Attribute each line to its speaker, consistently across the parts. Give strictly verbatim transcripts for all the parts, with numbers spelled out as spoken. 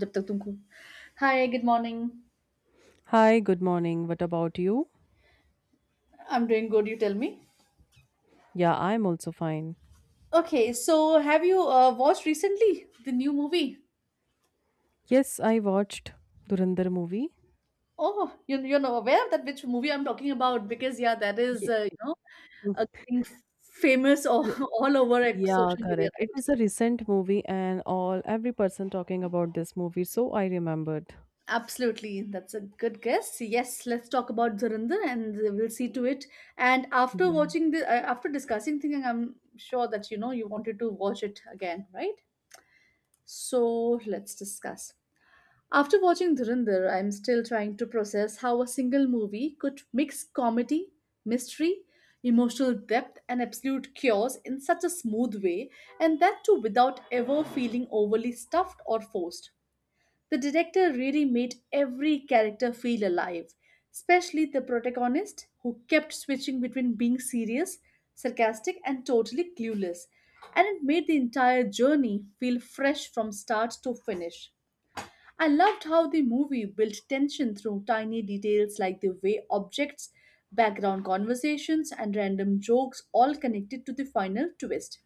Speaker 1: जब तक तुमको Hi, good morning.
Speaker 2: Hi, good morning. What about you?
Speaker 1: I'm doing good, you tell me.
Speaker 2: Yeah, I'm also fine.
Speaker 1: Okay, so have you uh, watched recently the new movie?
Speaker 2: Yes, I watched Durandar movie.
Speaker 1: Oh, you you're not aware of that which movie I'm talking about because yeah, that is
Speaker 2: Ye-
Speaker 1: uh, you know a
Speaker 2: r-
Speaker 1: thing famous all, all over like,
Speaker 2: Yeah,
Speaker 1: social media,
Speaker 2: correct. It
Speaker 1: right?
Speaker 2: is a recent movie and all every person talking about this movie, so I remembered.
Speaker 1: Absolutely, that's a good guess. Yes, let's talk about Dhurandhar and we'll see to it. And after watching the uh, after discussing thinking, I'm sure that you know you wanted to watch it again, right? So let's discuss. After watching Dhurandhar, I'm still trying to process how a single movie could mix comedy, mystery, emotional depth, and absolute chaos in such a smooth way, and that too without ever feeling overly stuffed or forced. The director really made every character feel alive, especially the protagonist, who kept switching between being serious, sarcastic, and totally clueless, and it made the entire journey feel fresh from start to finish. I loved how the movie built tension through tiny details like the way objects, background conversations, and random jokes all connected to the final twist.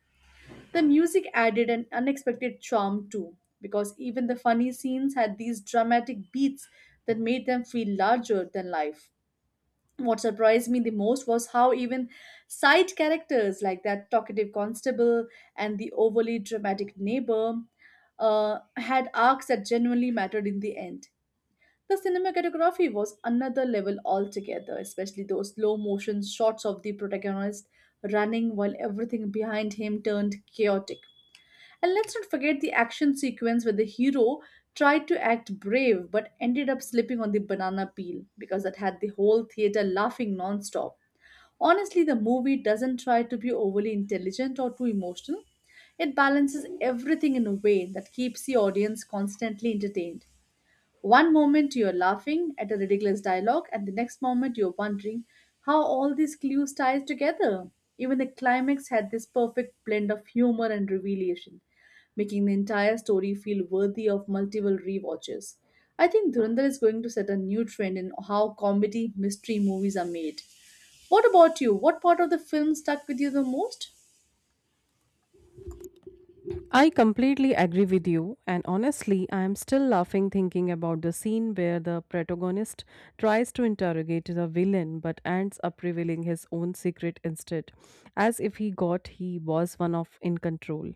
Speaker 1: The music added an unexpected charm too, because even the funny scenes had these dramatic beats that made them feel larger than life. What surprised me the most was how even side characters like that talkative constable and the overly dramatic neighbor uh, had arcs that genuinely mattered in the end. The cinematography was another level altogether, especially those slow motion shots of the protagonist running while everything behind him turned chaotic. And let's not forget the action sequence where the hero tried to act brave but ended up slipping on the banana peel because that had the whole theater laughing non-stop. Honestly, the movie doesn't try to be overly intelligent or too emotional. It balances everything in a way that keeps the audience constantly entertained. One moment you're laughing at a ridiculous dialogue, and the next moment you're wondering how all these clues ties together. Even the climax had this perfect blend of humor and revelation, making the entire story feel worthy of multiple rewatches. I think Dhurandhar is going to set a new trend in how comedy mystery movies are made. What about you? What part of the film stuck with you the most?
Speaker 2: I completely agree with you, and honestly, I am still laughing thinking about the scene where the protagonist tries to interrogate the villain but ends up revealing his own secret instead, as if he got he was one of in control.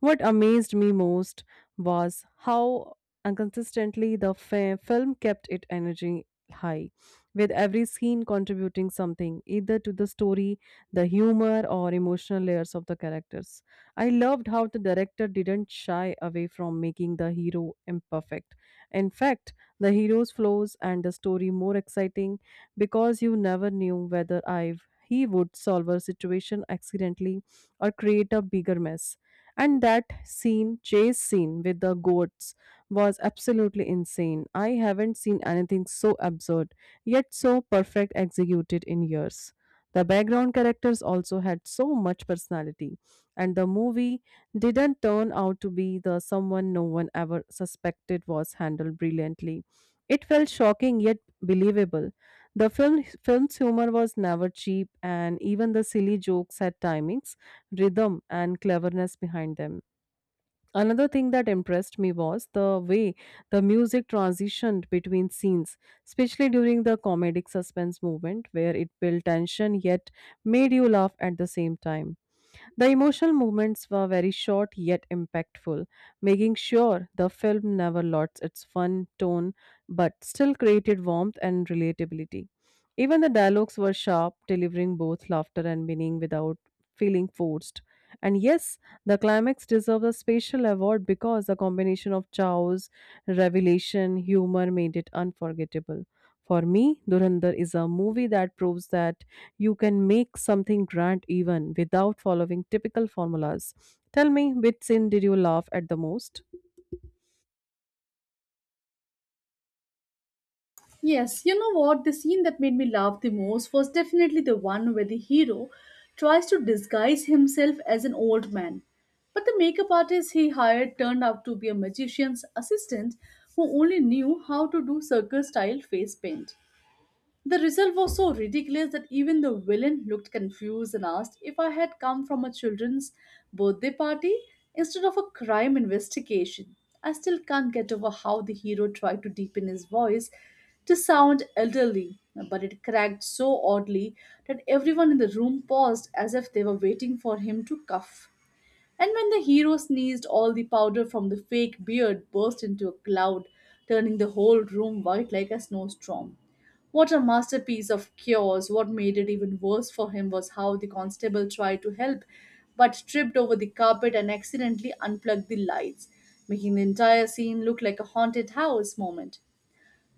Speaker 2: What amazed me most was how inconsistently the fi- film kept its energy high, with every scene contributing something, either to the story, the humor, or emotional layers of the characters. I loved how the director didn't shy away from making the hero imperfect. In fact, the hero's flaws and the story more exciting because you never knew whether I've he would solve a situation accidentally or create a bigger mess. And that scene, chase scene with the goats, was absolutely insane. I haven't seen anything so absurd, yet so perfect executed in years. The background characters also had so much personality and the movie didn't turn out to be the someone no one ever suspected was handled brilliantly. It felt shocking yet believable. The film film's humor was never cheap, and even the silly jokes had timings, rhythm, and cleverness behind them. Another thing that impressed me was the way the music transitioned between scenes, especially during the comedic suspense moment, where it built tension yet made you laugh at the same time. The emotional moments were very short yet impactful, making sure the film never lost its fun tone but still created warmth and relatability. Even the dialogues were sharp, delivering both laughter and meaning without feeling forced. And yes, the climax deserves a special award because the combination of Chow's revelation humor made it unforgettable. For me, Dhurandhar is a movie that proves that you can make something grand even without following typical formulas. Tell me, which scene did you laugh at the most?
Speaker 1: Yes, you know what? The scene that made me laugh the most was definitely the one where the hero tries to disguise himself as an old man. But the makeup artist he hired turned out to be a magician's assistant who only knew how to do circus style face paint. The result was so ridiculous that even the villain looked confused and asked if I had come from a children's birthday party instead of a crime investigation. I still can't get over how the hero tried to deepen his voice to sound elderly, but it cracked so oddly that everyone in the room paused as if they were waiting for him to cough. And when the hero sneezed, all the powder from the fake beard burst into a cloud, turning the whole room white like a snowstorm. What a masterpiece of cures! What made it even worse for him was how the constable tried to help but tripped over the carpet and accidentally unplugged the lights, making the entire scene look like a haunted house moment.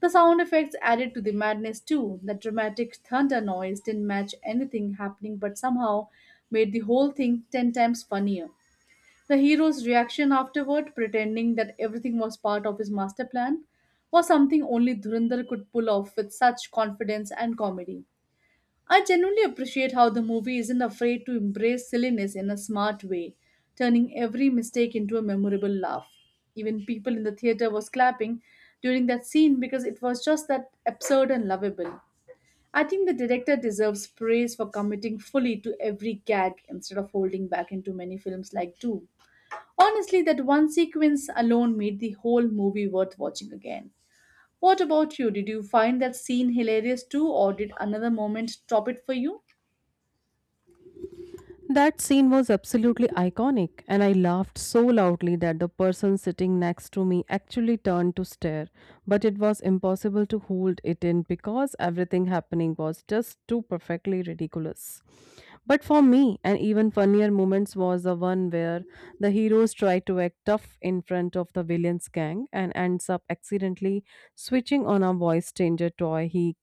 Speaker 1: The sound effects added to the madness too. That dramatic thunder noise didn't match anything happening but somehow made the whole thing ten times funnier. The hero's reaction afterward, pretending that everything was part of his master plan, was something only Dhurandhar could pull off with such confidence and comedy. I genuinely appreciate how the movie isn't afraid to embrace silliness in a smart way, turning every mistake into a memorable laugh. Even people in the theater was clapping during that scene because it was just that absurd and lovable. I think the director deserves praise for committing fully to every gag instead of holding back into many films like Do. Honestly, that one sequence alone made the whole movie worth watching again. What about you? Did you find that scene hilarious too, or did another moment top it for you?
Speaker 2: That scene was absolutely iconic, and I laughed so loudly that the person sitting next to me actually turned to stare. But it was impossible to hold it in because everything happening was just too perfectly ridiculous. But for me, an even funnier moment was the one where the heroes try to act tough in front of the villain's gang and ends up accidentally switching on a voice changer toy he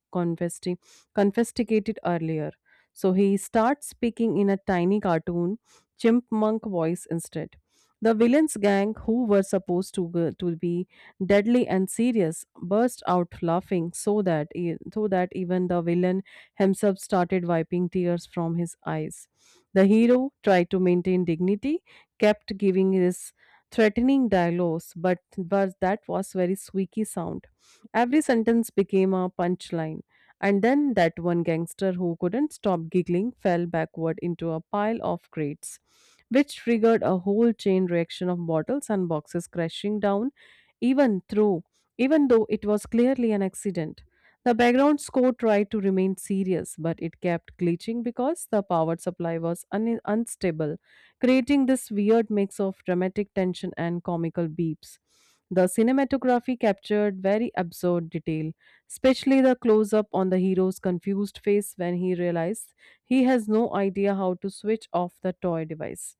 Speaker 2: confiscated earlier so he starts speaking in a tiny cartoon chipmunk voice instead. The villains gang, who were supposed to, go- to be deadly and serious, burst out laughing so that, e- so that even the villain himself started wiping tears from his eyes. The hero tried to maintain dignity, kept giving his threatening dialogues, but, but that was very squeaky sound. Every sentence became a punchline. And then that one gangster who couldn't stop giggling fell backward into a pile of crates, which triggered a whole chain reaction of bottles and boxes crashing down, even through even though it was clearly an accident. The background score tried to remain serious, but it kept glitching because the power supply was un- unstable, creating this weird mix of dramatic tension and comical beeps. The cinematography captured very absurd detail, especially the close up on the hero's confused face when he realizes he has no idea how to switch off the toy device.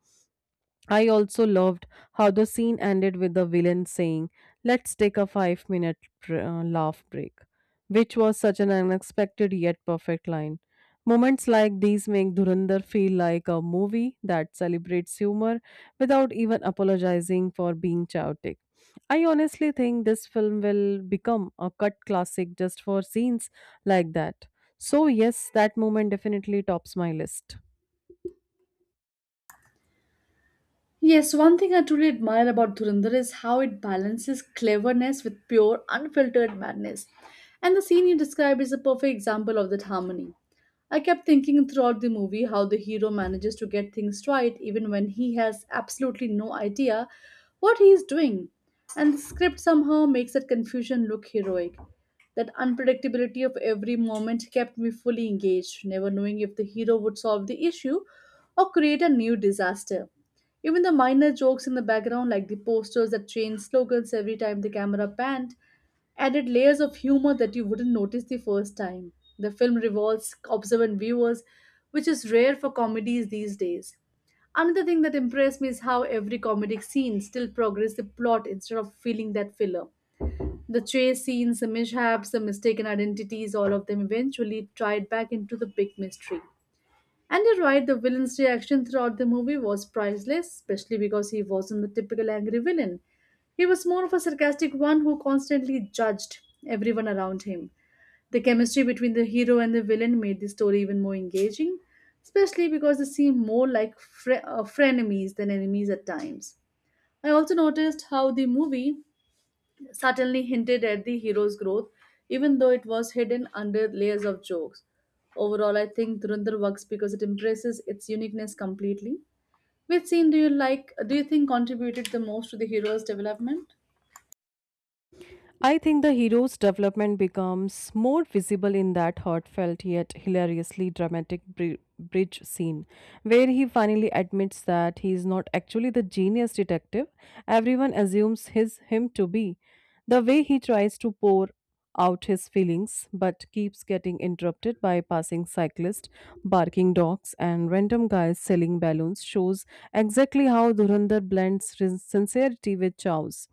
Speaker 2: I also loved how the scene ended with the villain saying, "Let's take a five minute uh, laugh break," which was such an unexpected yet perfect line. Moments like these make Dhurandhar feel like a movie that celebrates humor without even apologizing for being chaotic. I honestly think this film will become a cut classic just for scenes like that. So, yes, that moment definitely tops my list.
Speaker 1: Yes, one thing I truly admire about Dhurandhar is how it balances cleverness with pure, unfiltered madness. And the scene you described is a perfect example of that harmony. I kept thinking throughout the movie how the hero manages to get things right even when he has absolutely no idea what he is doing. And the script somehow makes that confusion look heroic. That unpredictability of every moment kept me fully engaged, never knowing if the hero would solve the issue or create a new disaster. Even the minor jokes in the background, like the posters that change slogans every time the camera panned, added layers of humor that you wouldn't notice the first time. The film revolves observant viewers, which is rare for comedies these days. Another thing that impressed me is how every comedic scene still progressed the plot instead of feeling that filler. The chase scenes, the mishaps, the mistaken identities, all of them eventually tied back into the big mystery. And you're right, the villain's reaction throughout the movie was priceless, especially because he wasn't the typical angry villain. He was more of a sarcastic one who constantly judged everyone around him. The chemistry between the hero and the villain made the story even more engaging, especially because they seem more like fre- uh, frenemies than enemies at times. I also noticed how the movie certainly hinted at the hero's growth, even though it was hidden under layers of jokes. Overall, I think Dhurandhar works because it embraces its uniqueness completely. Which scene do you like? Do you think contributed the most to the hero's development?
Speaker 2: I think the hero's development becomes more visible in that heartfelt yet hilariously dramatic bri- bridge scene, where he finally admits that he is not actually the genius detective everyone assumes his him to be. The way he tries to pour out his feelings but keeps getting interrupted by passing cyclists, barking dogs, and random guys selling balloons shows exactly how Dhurandhar blends sin- sincerity with chows.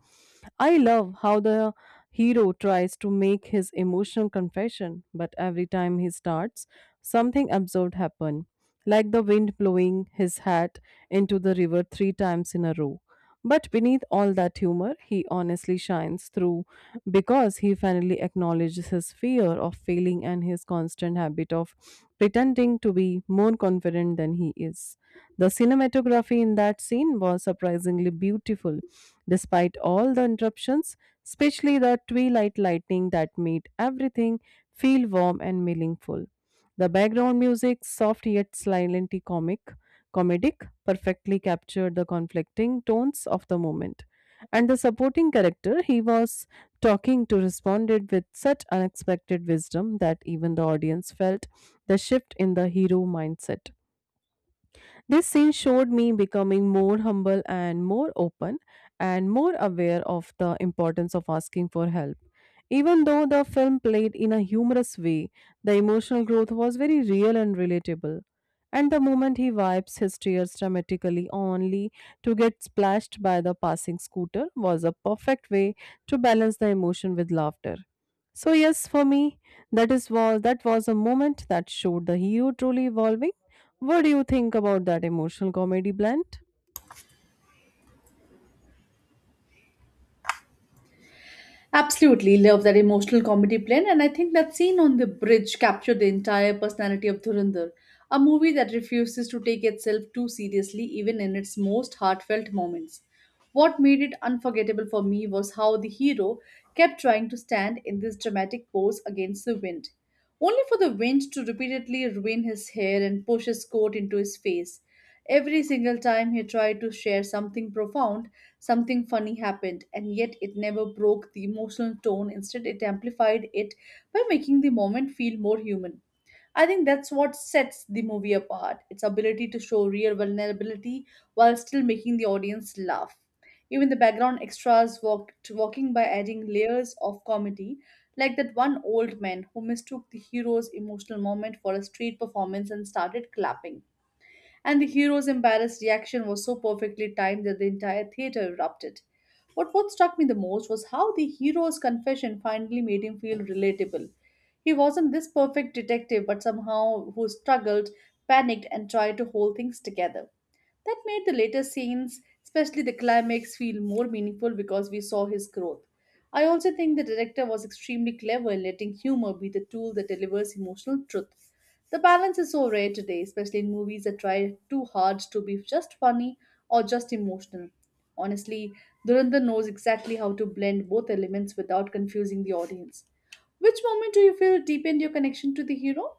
Speaker 2: I love how the hero tries to make his emotional confession, but every time he starts, something absurd happens, like the wind blowing his hat into the river three times in a row. But beneath all that humor, he honestly shines through because he finally acknowledges his fear of failing and his constant habit of pretending to be more confident than he is. The cinematography in that scene was surprisingly beautiful, despite all the interruptions, especially the twilight lightning that made everything feel warm and meaningful. The background music, soft yet slightly comic, comedic, perfectly captured the conflicting tones of the moment. And the supporting character he was talking to responded with such unexpected wisdom that even the audience felt the shift in the hero mindset. This scene showed me becoming more humble and more open and more aware of the importance of asking for help. Even though the film played in a humorous way, the emotional growth was very real and relatable. And the moment he wipes his tears dramatically only to get splashed by the passing scooter was a perfect way to balance the emotion with laughter. So yes, for me, that is was that was a moment that showed the hero truly evolving. What do you think about that emotional comedy blend?
Speaker 1: Absolutely love that emotional comedy blend, and I think that scene on the bridge captured the entire personality of Dhurandhar, a movie that refuses to take itself too seriously even in its most heartfelt moments. What made it unforgettable for me was how the hero kept trying to stand in this dramatic pose against the wind, only for the wind to repeatedly ruin his hair and push his coat into his face. Every single time he tried to share something profound, something funny happened, and yet it never broke the emotional tone. Instead, it amplified it by making the moment feel more human. I think that's what sets the movie apart, its ability to show real vulnerability while still making the audience laugh. Even the background extras walked, walking by adding layers of comedy, like that one old man who mistook the hero's emotional moment for a street performance and started clapping, and the hero's embarrassed reaction was so perfectly timed that the entire theater erupted. But what struck me the most was how the hero's confession finally made him feel relatable. He wasn't this perfect detective, but somehow who struggled, panicked, and tried to hold things together. That made the later scenes, especially the climax, feel more meaningful because we saw his growth. I also think the director was extremely clever in letting humor be the tool that delivers emotional truth. The balance is so rare today, especially in movies that try too hard to be just funny or just emotional. Honestly, Durandar knows exactly how to blend both elements without confusing the audience. Which moment do you feel deepened your connection to the hero?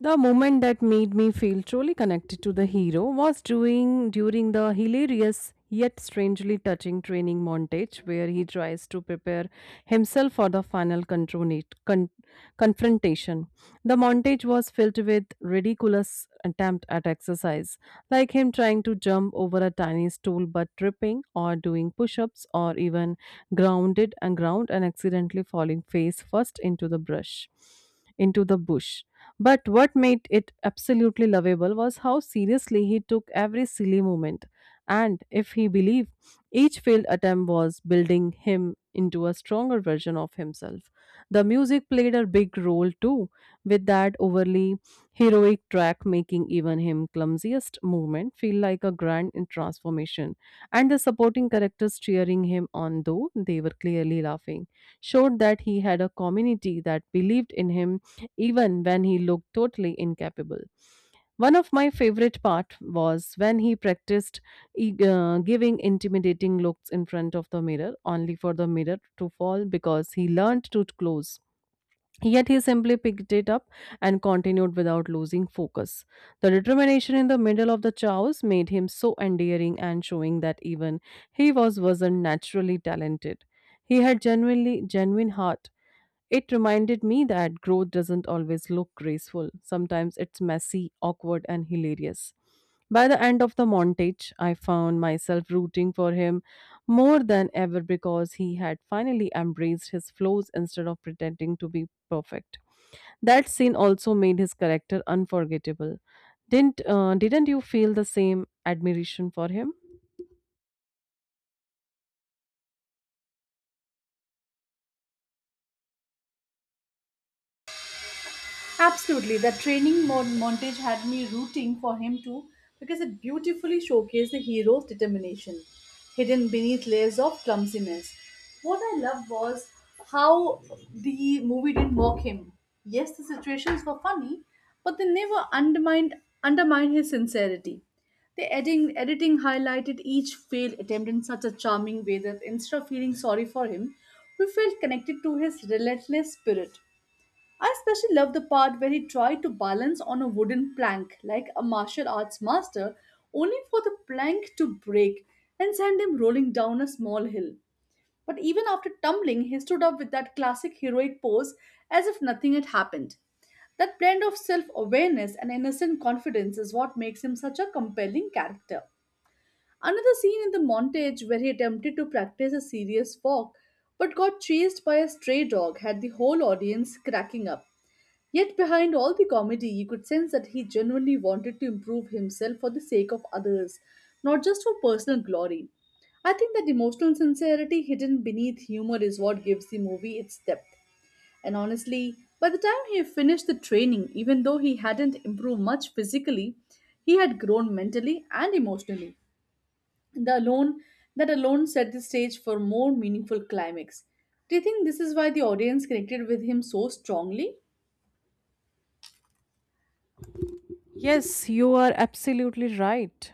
Speaker 2: The moment that made me feel truly connected to the hero was doing during the hilarious yet strangely touching training montage where he tries to prepare himself for the final contronate- con- confrontation. The montage was filled with ridiculous attempt at exercise, like him trying to jump over a tiny stool but tripping or doing push-ups or even grounded and ground and accidentally falling face first into the brush into the bush. But what made it absolutely lovable was how seriously he took every silly moment. And if he believed, each failed attempt was building him into a stronger version of himself. The music played a big role too, with that overly heroic track making even him clumsiest movement feel like a grand in transformation, and the supporting characters cheering him on though they were clearly laughing showed that he had a community that believed in him even when he looked totally incapable. One of my favorite part was when he practiced e- uh, giving intimidating looks in front of the mirror only for the mirror to fall because he learned to close. Yet he simply picked it up and continued without losing focus. The determination in the middle of the chaos made him so endearing and showing that even he was wasn't naturally talented. He had genuinely genuine heart. It reminded me that growth doesn't always look graceful. Sometimes it's messy, awkward, and hilarious. By the end of the montage, I found myself rooting for him more than ever because he had finally embraced his flaws instead of pretending to be perfect. That scene also made his character unforgettable. Didn't uh, didn't you feel the same admiration for him?
Speaker 1: Absolutely. The training mon- montage had me rooting for him too because it beautifully showcased the hero's determination, hidden beneath layers of clumsiness. What I loved was how the movie didn't mock him. Yes, the situations were funny, but they never undermined undermined his sincerity. The editing, editing highlighted each failed attempt in such a charming way that instead of feeling sorry for him, we felt connected to his relentless spirit. I especially love the part where he tried to balance on a wooden plank like a martial arts master, only for the plank to break and send him rolling down a small hill. But even after tumbling, he stood up with that classic heroic pose as if nothing had happened. That blend of self awareness and innocent confidence is what makes him such a compelling character. Another scene in the montage where he attempted to practice a serious walk but got chased by a stray dog had the whole audience cracking up. Yet, behind all the comedy, you could sense that he genuinely wanted to improve himself for the sake of others, not just for personal glory. I think that emotional sincerity hidden beneath humor is what gives the movie its depth. And honestly, by the time he finished the training, even though he hadn't improved much physically, he had grown mentally and emotionally. The alone That alone set the stage for more meaningful climax. Do you think this is why the audience connected with him so strongly?
Speaker 2: Yes, you are absolutely right.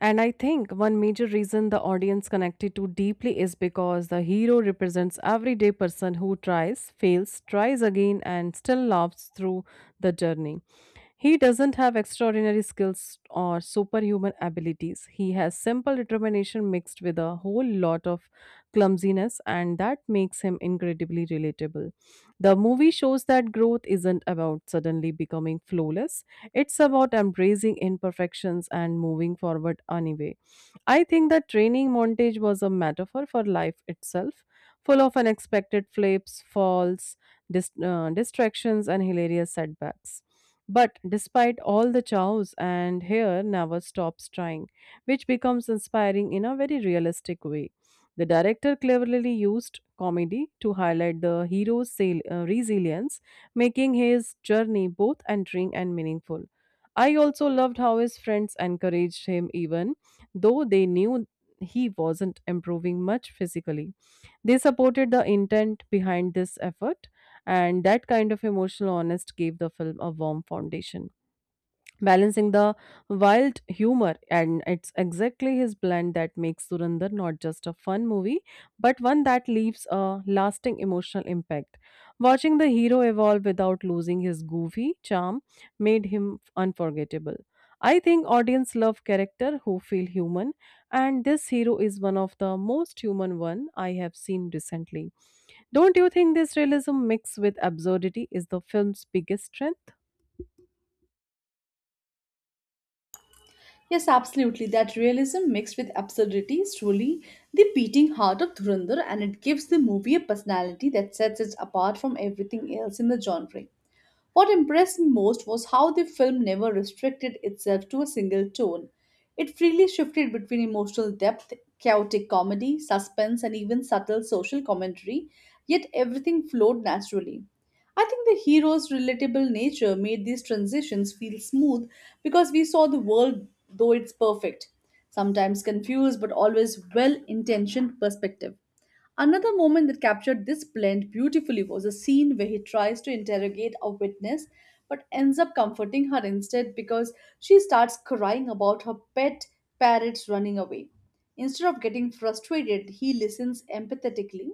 Speaker 2: And I think one major reason the audience connected to deeply is because the hero represents everyday person who tries, fails, tries again and still laughs through the journey. He doesn't have extraordinary skills or superhuman abilities. He has simple determination mixed with a whole lot of clumsiness, and that makes him incredibly relatable. The movie shows that growth isn't about suddenly becoming flawless, it's about embracing imperfections and moving forward anyway. I think the training montage was a metaphor for life itself, full of unexpected flips, falls, dis- uh, distractions, and hilarious setbacks. But despite all the chows, and here never stops trying, which becomes inspiring in a very realistic way. The director cleverly used comedy to highlight the hero's sail- uh, resilience, making his journey both endearing and meaningful. I also loved how his friends encouraged him, even though they knew he wasn't improving much physically. They supported the intent behind this effort, and that kind of emotional honesty gave the film a warm foundation, balancing the wild humor. And it's exactly his blend that makes Surinder not just a fun movie but one that leaves a lasting emotional impact. Watching the hero evolve without losing his goofy charm made him unforgettable. I think audience love character who feel human, and this hero is one of the most human one I have seen recently. Don't you think this realism mixed with absurdity is the film's biggest strength?
Speaker 1: Yes, absolutely. That realism mixed with absurdity is truly the beating heart of Dhurandhar, and it gives the movie a personality that sets it apart from everything else in the genre. What impressed me most was how the film never restricted itself to a single tone. It freely shifted between emotional depth, chaotic comedy, suspense, and even subtle social commentary, yet everything flowed naturally. I think the hero's relatable nature made these transitions feel smooth because we saw the world though it's perfect, sometimes confused but always well intentioned perspective. Another moment that captured this blend beautifully was a scene where he tries to interrogate a witness but ends up comforting her instead because she starts crying about her pet parrots running away. Instead of getting frustrated, he listens empathetically,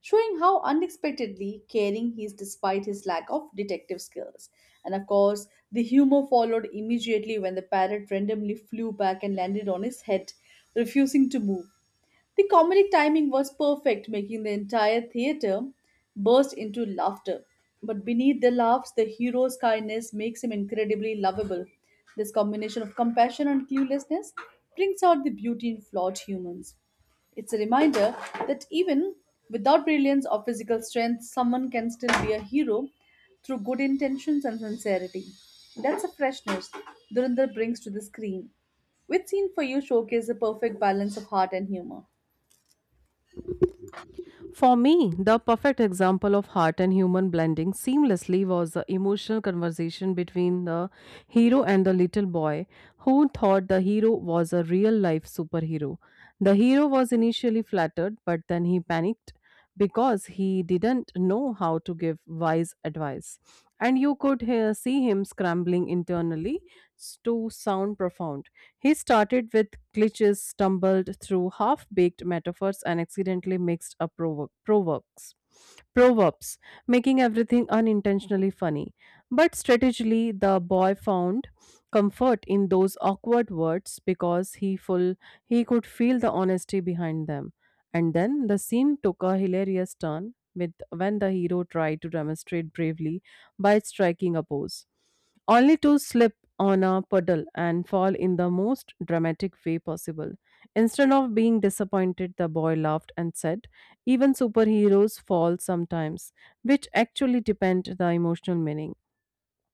Speaker 1: showing how unexpectedly caring he is despite his lack of detective skills. And of course, the humor followed immediately when the parrot randomly flew back and landed on his head, refusing to move. The comedic timing was perfect, making the entire theater burst into laughter. But beneath the laughs, the hero's kindness makes him incredibly lovable. This combination of compassion and cluelessness brings out the beauty in flawed humans. It's a reminder that even without brilliance or physical strength, someone can still be a hero through good intentions and sincerity. That's a freshness Dhurandhar brings to the screen. Which scene for you showcases the perfect balance of heart and humor?
Speaker 2: For me, the perfect example of heart and human blending seamlessly was the emotional conversation between the hero and the little boy who thought the hero was a real life superhero. The hero was initially flattered, but then he panicked because he didn't know how to give wise advice. And you could hear, see him scrambling internally s- to sound profound. He started with glitches, stumbled through half baked metaphors, and accidentally mixed up provo- proverbs. Proverbs, making everything unintentionally funny. But strategically, the boy found comfort in those awkward words because he full he could feel the honesty behind them. And then the scene took a hilarious turn with when the hero tried to demonstrate bravely by striking a pose, only to slip on a puddle and fall in the most dramatic way possible. Instead of being disappointed, the boy laughed and said, "Even superheroes fall sometimes," which actually depend the emotional meaning.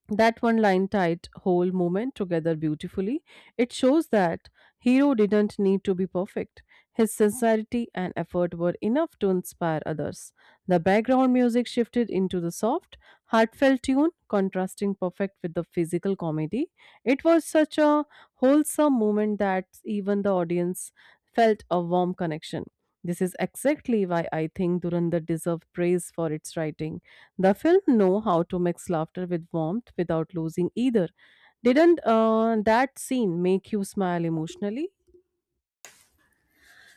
Speaker 2: That one line tied whole moment together beautifully. It shows that Hero didn't need to be perfect. His sincerity and effort were enough to inspire others. The background music shifted into the soft, heartfelt tune, contrasting perfect with the physical comedy. It was such a wholesome moment that even the audience felt a warm connection. This is exactly why I think Durandar deserved praise for its writing. The film know how to mix laughter with warmth without losing either. Didn't uh, that scene make you smile emotionally?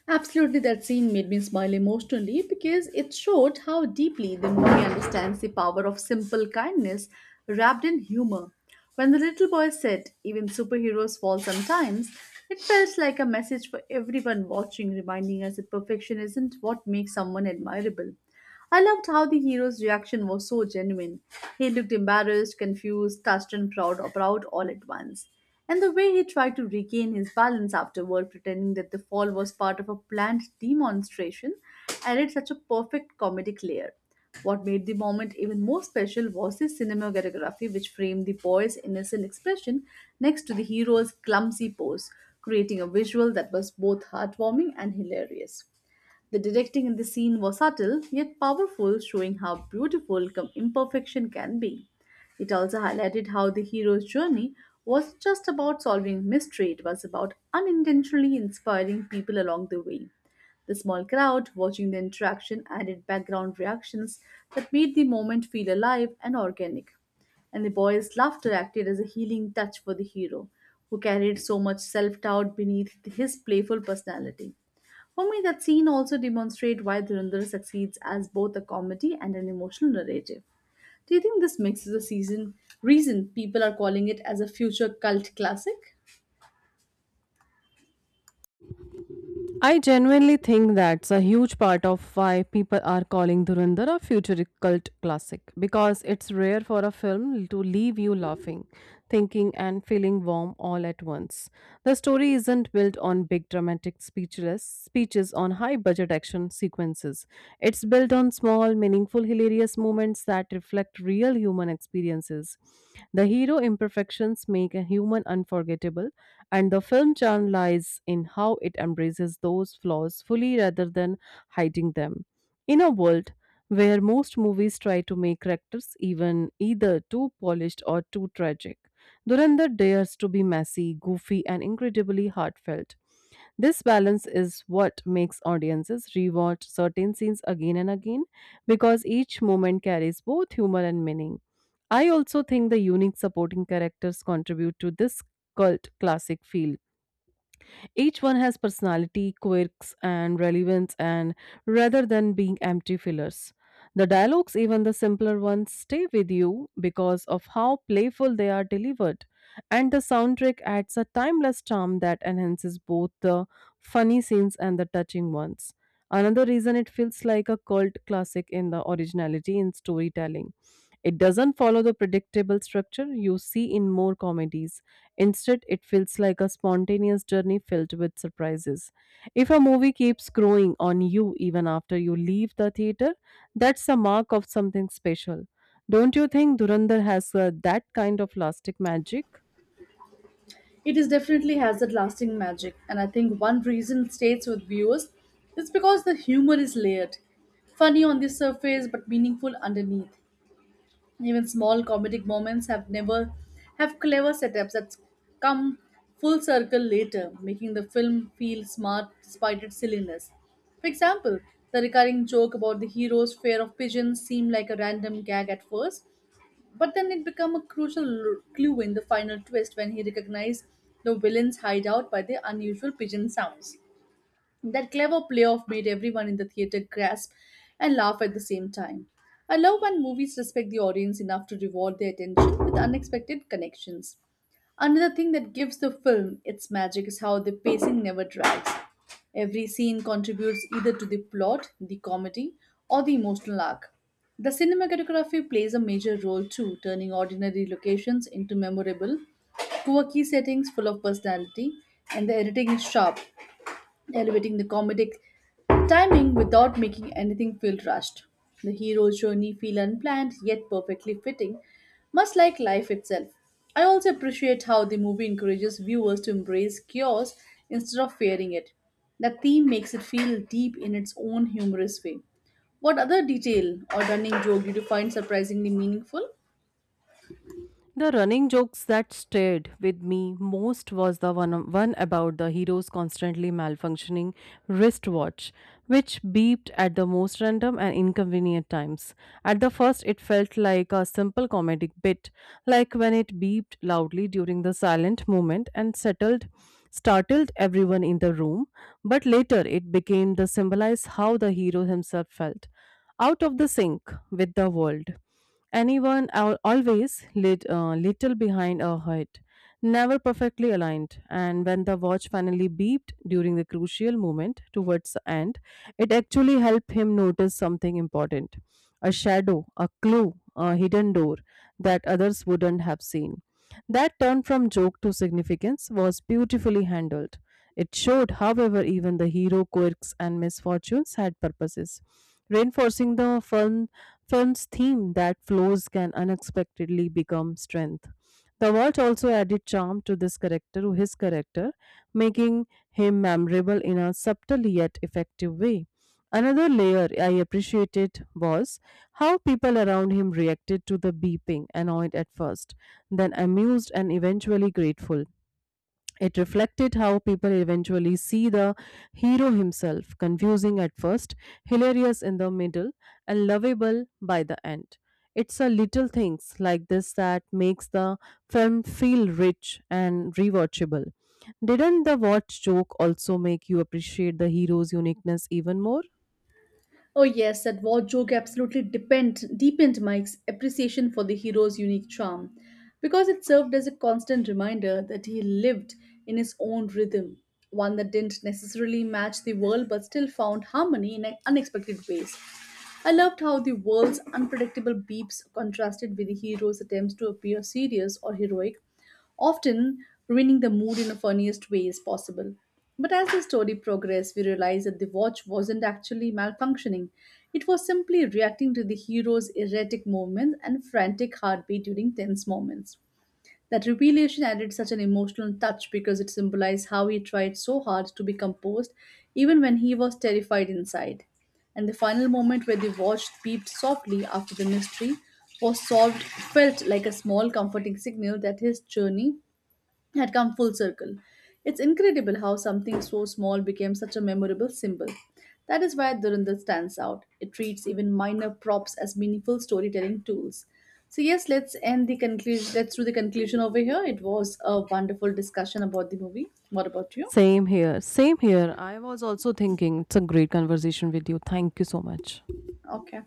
Speaker 1: Absolutely, that scene made me smile emotionally because it showed how deeply the movie understands the power of simple kindness wrapped in humor. When the little boy said, even superheroes fall sometimes, it felt like a message for everyone watching, reminding us that perfection isn't what makes someone admirable. I loved how the hero's reaction was so genuine. He looked embarrassed, confused, touched, and proud, proud all at once. And the way he tried to regain his balance afterward, pretending that the fall was part of a planned demonstration, added such a perfect comedic layer. What made the moment even more special was the cinematography, which framed the boy's innocent expression next to the hero's clumsy pose, creating a visual that was both heartwarming and hilarious. The directing in the scene was subtle yet powerful, showing how beautiful com- imperfection can be. It also highlighted how the hero's journey wasn't just about solving mystery, it was about unintentionally inspiring people along the way. The small crowd watching the interaction added background reactions that made the moment feel alive and organic. And the boy's laughter acted as a healing touch for the hero, who carried so much self doubt beneath his playful personality. For me, that scene also demonstrates why Dhurandhar succeeds as both a comedy and an emotional narrative. Do you think this mix is the season reason people are calling it as a future cult classic?
Speaker 2: I genuinely think that's a huge part of why people are calling Dhurandhar a future cult classic because it's rare for a film to leave you laughing, thinking, and feeling warm all at once. The story isn't built on big dramatic speechless speeches on high budget action sequences. It's built on small, meaningful, hilarious moments that reflect real human experiences. The hero imperfections make a human unforgettable, and the film charm lies in how it embraces those flaws fully rather than hiding them. In a world where most movies try to make characters even either too polished or too tragic, Durandar dares to be messy, goofy, and incredibly heartfelt. This balance is what makes audiences rewatch certain scenes again and again because each moment carries both humor and meaning. I also think the unique supporting characters contribute to this cult classic feel each one has personality, quirks, and relevance, and rather than being empty fillers. The dialogues, even the simpler ones, stay with you because of how playful they are delivered. And the soundtrack adds a timeless charm that enhances both the funny scenes and the touching ones. Another reason it feels like a cult classic in the originality in storytelling. It doesn't follow the predictable structure you see in more comedies. Instead, it feels like a spontaneous journey filled with surprises. If a movie keeps growing on you even after you leave the theater, that's a mark of something special. Don't you think Durandar has uh, that kind of lasting magic?
Speaker 1: It is definitely has that lasting magic, and I think one reason it stays with viewers is because the humor is layered, funny on the surface but meaningful underneath. Even small comedic moments have never have clever setups that come full circle later, making the film feel smart despite its silliness. For example, the recurring joke about the hero's fear of pigeons seemed like a random gag at first, but then it became a crucial l- clue in the final twist when he recognized the villain's hideout by the unusual pigeon sounds. That clever playoff made everyone in the theater gasp and laugh at the same time. I love when movies respect the audience enough to reward their attention with unexpected connections. Another thing that gives the film its magic is how the pacing never drags. Every scene contributes either to the plot, the comedy, or the emotional arc. The cinematography plays a major role too, turning ordinary locations into memorable, quirky settings full of personality, and the editing is sharp, elevating the comedic timing without making anything feel rushed. The hero's journey feel unplanned yet perfectly fitting, much like life itself. I also appreciate how the movie encourages viewers to embrace chaos instead of fearing it. The theme makes it feel deep in its own humorous way. What other detail or running joke did you find surprisingly meaningful?
Speaker 2: The running jokes that stayed with me most was the one, one about the hero's constantly malfunctioning wristwatch, which beeped at the most random and inconvenient times. At the first, it felt like a simple comedic bit, like when it beeped loudly during the silent moment and settled, startled everyone in the room. But later, it became the symbolize how the hero himself felt, out of the sync with the world. Anyone al- always lit, uh, little behind or hurt, never perfectly aligned. And when the watch finally beeped during the crucial moment towards the end, it actually helped him notice something important, a shadow, a clue, a hidden door that others wouldn't have seen. That turn from joke to significance was beautifully handled. It showed, however, even the hero quirks and misfortunes had purposes, reinforcing the film, film's theme that flaws can unexpectedly become strength. The Walt also added charm to this character, his character, making him memorable in a subtle yet effective way. Another layer I appreciated was how people around him reacted to the beeping, annoyed at first, then amused and eventually grateful. It reflected how people eventually see the hero himself, confusing at first, hilarious in the middle, and lovable by the end. It's a little things like this that makes the film feel rich and rewatchable. Didn't the watch joke also make you appreciate the hero's uniqueness even more?
Speaker 1: Oh yes, that war joke absolutely depend, deepened my ex- appreciation for the hero's unique charm, because it served as a constant reminder that he lived in his own rhythm, one that didn't necessarily match the world but still found harmony in unexpected ways. I loved how the world's unpredictable beeps contrasted with the hero's attempts to appear serious or heroic, often ruining the mood in the funniest ways possible. But as the story progressed, we realized that the watch wasn't actually malfunctioning. It was simply reacting to the hero's erratic movements and frantic heartbeat during tense moments. That revelation added such an emotional touch because it symbolized how he tried so hard to be composed even when he was terrified inside. And the final moment where the watch peeped softly after the mystery was solved felt like a small comforting signal that his journey had come full circle. It's incredible how something so small became such a memorable symbol. That is why Durandal stands out. It treats even minor props as meaningful storytelling tools. So yes, let's end the conclusion. Let's do the conclusion over here. It was a wonderful discussion about the movie. What about you?
Speaker 2: Same here. Same here. I was also thinking it's a great conversation with you. Thank you so much.
Speaker 1: Okay.